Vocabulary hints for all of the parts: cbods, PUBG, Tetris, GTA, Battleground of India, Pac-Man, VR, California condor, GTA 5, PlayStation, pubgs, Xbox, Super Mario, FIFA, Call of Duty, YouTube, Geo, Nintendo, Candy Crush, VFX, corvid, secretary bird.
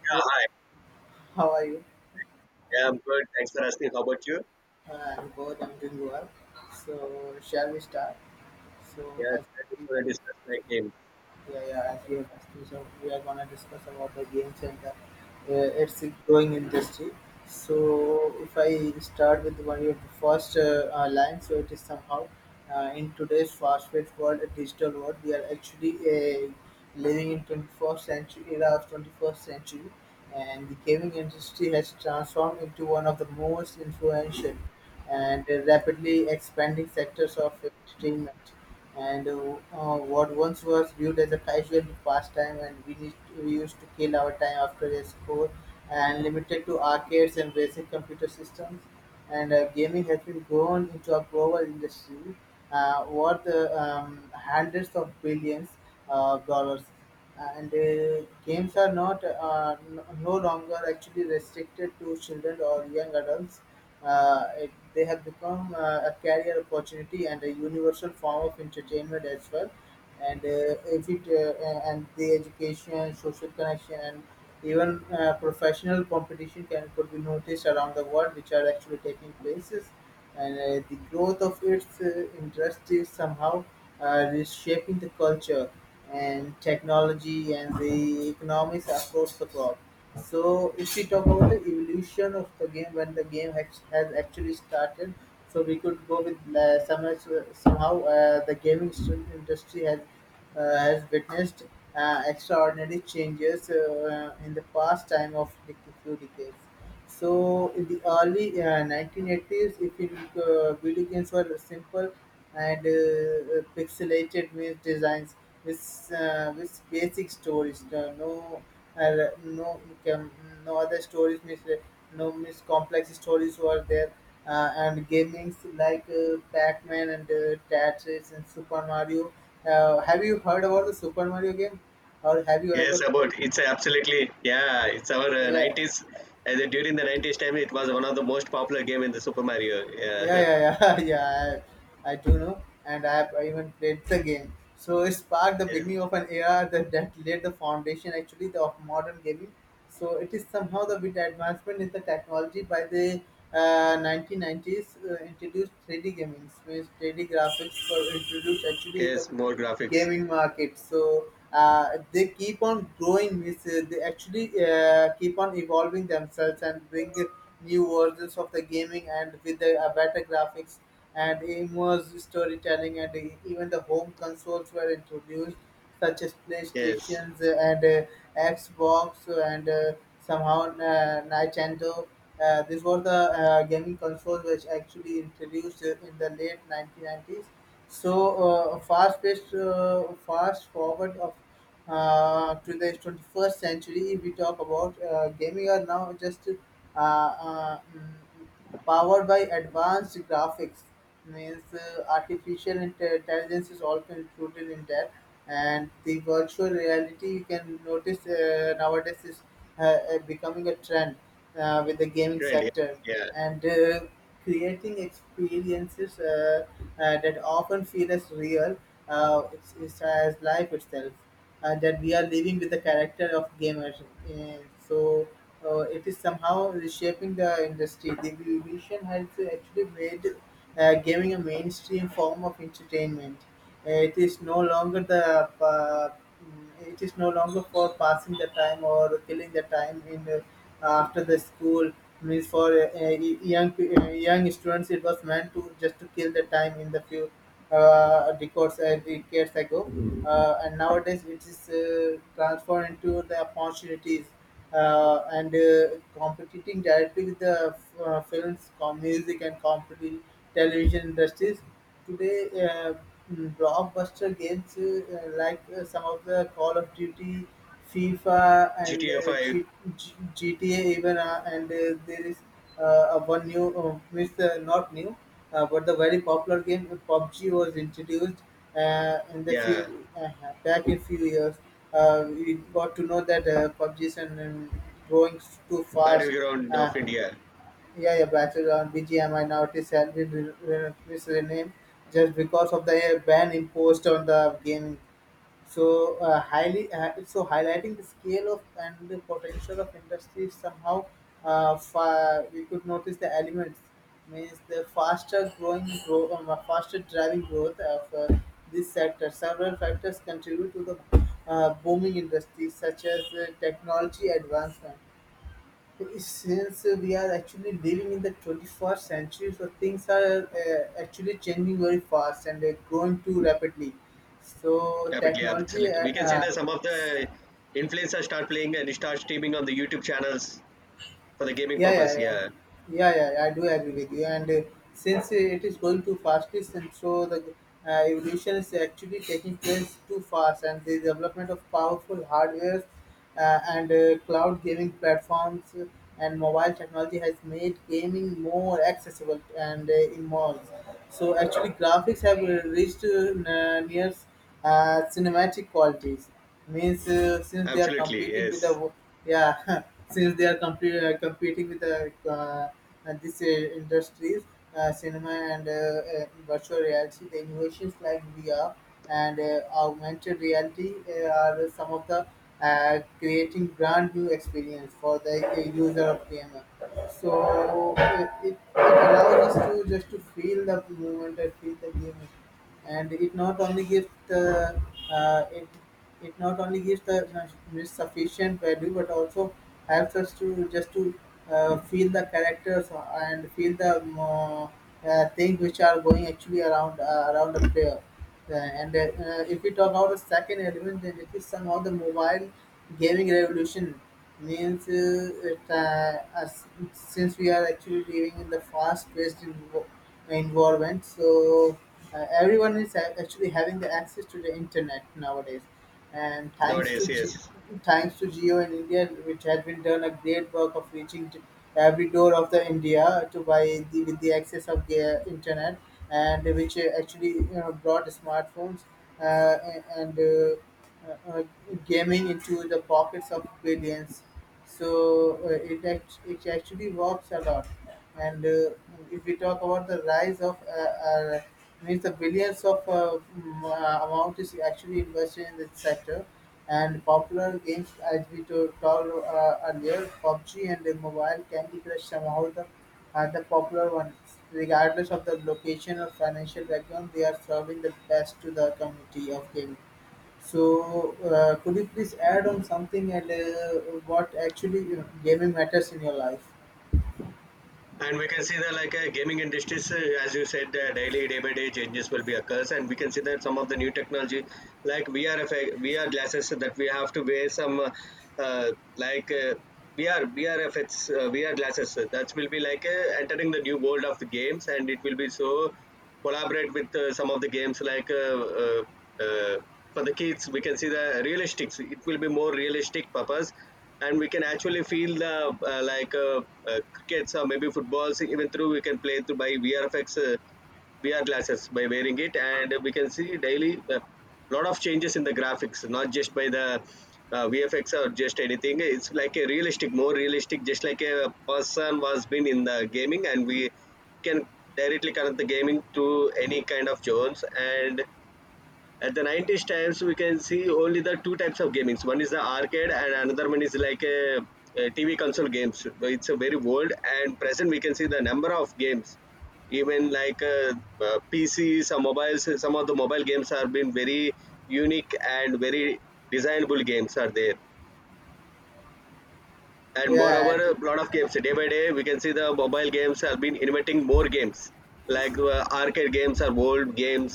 Yeah, Yeah, hi. how are you? Yeah, I'm good. Thanks for asking. How about you? I'm good. I'm doing well. So, shall we start? So, Yeah, as today we're going to discuss like games. Yeah, yeah. As we have discussed, we are gonna discuss about the games and its growing industry. So, if I start with one of the first line, so it is somehow in today's fast-paced world, a digital world, we are actually living in 21st century era of 21st century, and the gaming industry has transformed into one of the most influential and rapidly expanding sectors of entertainment and what once was viewed as a casual pastime and we used to kill our time after a score and limited to arcades and basic computer systems and gaming has been grown into a global industry worth hundreds of billions of dollars and games are not n- no longer actually restricted to children or young adults; they have become a career opportunity and a universal form of entertainment as well. And if it and the education, social connection, and even professional competition can could be noticed around the world, which are actually taking places. And the growth of its interest is somehow reshaping the culture and technology and the economics across the globe. So if we talk about the evolution of the game, when the game has actually started, so we could go with somehow the industry has witnessed extraordinary changes in the past time of few decades. So in the early 1980s, if it, video games were simple and pixelated with designs, with basic stories, uh, no um, no other stories, means, no mis complex stories were there, and gamings like Pac-Man and Tetris and Super Mario. Have you heard about the Super Mario game, or have you Yes, ever played? about it's absolutely yeah. It's our Yeah. 90s. During the 90s time, it was one of the most popular game, in the Super Mario. Yeah, Yeah, yeah, yeah, yeah. I do know, and I have even played the game. So it sparked the yes, beginning of an era that laid the foundation actually of modern gaming. So it is somehow the bit advancement in the technology by the 1990s introduced 3D gaming, means 3D graphics were introduced actually in the yes, more graphics. gaming market. So they keep on growing, means they actually keep on evolving themselves and bring new versions of the gaming and with the better graphics and immersive storytelling, and even the home consoles were introduced, such as Yes, playstations and xbox and somehow nintendo. This was the gaming consoles which actually introduced in the late 1990s. So fast forward of to the 21st century, we talk about gaming are now just powered by advanced graphics. Means intelligence is also included in that, and the virtual reality you can notice nowadays is becoming a trend with the gaming trend. Yes. sector, Yeah, and creating experiences that often feel as real. It's as life itself that we are living with the character of gamers. Uh, so it is somehow reshaping the industry. The revolution has actually made gaming a mainstream form of entertainment. It is no longer the uh, it is no longer for passing the time or killing the time in after the school, means for young students. It was meant to just to kill the time in the few decades ago, and nowadays it is transformed into the opportunities and competing directly with the films, music, and competing television industries. Today, uh, blockbuster games like some of the Call of Duty, FIFA, and GTA 5. GTA even, and there is a one new, means not new, but the very popular game PUBG was introduced in the Yeah, few back in few years. We got to know that PUBG is an, growing too fast. Battleground Uh, of India. yeah, yeah, Bachelor on BGM minority, it is sadly relentless renamed just because of the ban imposed on the gaming. So so highlighting the scale of and the potential of industry somehow, we could notice the elements, means the faster growing growth, faster driving growth of this sector. Several factors contribute to the booming industry, such as technology advancement, since we are actually living in the 21st century, so things are actually changing very fast and they growing too rapidly. So Definitely, technology absolutely. We can say that some of the influencers start playing and start streaming on the YouTube channels for the gaming yeah, yeah, purpose. yeah, Yeah, yeah, yeah, yeah, I do agree with you. And since it is going too fastest, and so the evolution is actually taking place too fast, and the development of powerful hardware and cloud gaming platforms and mobile technology has made gaming more accessible and immersive. So actually, graphics have reached near cinematic qualities, means since they are absolutely. competing with Yes, yeah since they are competing with the this industries, cinema and virtual reality. The innovations like vr and augmented reality are some of the creating brand new experience for the user of gamer, so it allows us to just to feel the movement and feel the game, and it not only gives the uh, it it not only gives the you know sufficient value but also helps us to just to feel the characters and feel the things which are going actually around around the player and if we talk about the second element, then it is somehow the mobile gaming revolution, means us- since we are actually living in the fast-paced environment. So everyone is actually having the access to the internet nowadays, and nowadays, yes. thanks to Geo in India, which has been done a great work of reaching to every door of the India to buy the, with the access of the internet, and which actually you know brought smartphones uh, and. uh, uh, gaming into the pockets of billions. So it actually works a lot. And if we talk about the rise of means the billions of amount is actually invested in this sector, and popular games, as we told earlier, PUBG and the mobile Candy Crush somehow the are the popular ones. Regardless of the location or financial background, they are serving the best to the community of gaming. So, could you please add on something, and what actually you know gaming matters in your life? And we can see that like gaming industries as you said daily, day by day, changes will be occurs, and we can see that some of the new technology like VR effect, VR glasses, that we have to wear some like VR effects VR glasses that will be like entering the new world of the games, and it will be so collaborate with some of the games like uh, for the kids. We can see the realistics, it will be more realistic purpose, and we can actually feel the like crickets, or maybe footballs, even through we can play through by vrfx VR glasses by wearing it. And we can see daily a lot of changes in the graphics, not just by the VFX or just anything. It's like a realistic, more realistic, just like a person was been in the gaming, and we can directly connect the gaming to any kind of zones. And at the 90s times, we can see only the two types of gamings: one is the arcade and another one is like a TV console games. It's a very old, and present we can see the number of games, even like PCs or mobiles. Some of the mobile games are been very unique, and very designable games are there. And moreover, Yeah, a lot of games, day by day, we can see the mobile games have been inventing more games like arcade games or old games,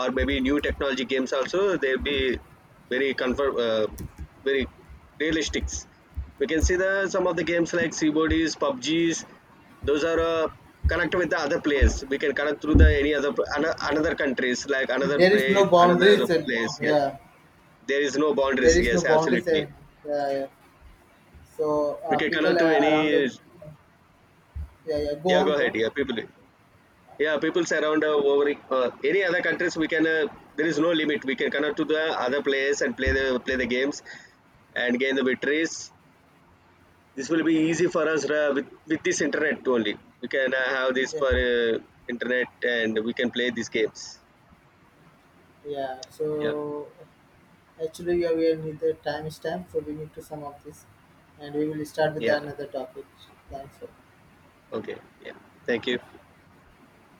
or maybe new technology games. Also, they'll be very confirm, very realistic. We can see the some of the games like cbods, pubgs. Those are connect with the other players. We can connect through the any other another countries, like another there is play, no another boundaries. Place here. Yeah, There is no there boundaries, is no yes boundaries. absolutely. And, yeah, yeah. So We can connect people to are around the any. yeah, yeah. Go Yeah, go on, go. ahead. On. Yeah, people. Yeah, peoples around over any other countries, we can. There is no limit. We can connect to the other players and play the games, and gain the victories. This will be easy for us with this internet only. We can have this Yeah, for internet, and we can play these games. yeah. Yeah. So actually, yeah, we are near the time is time, so we need to sum up this, and we will start with Yeah. another topic. Thanks. Okay. Yeah. Thank you.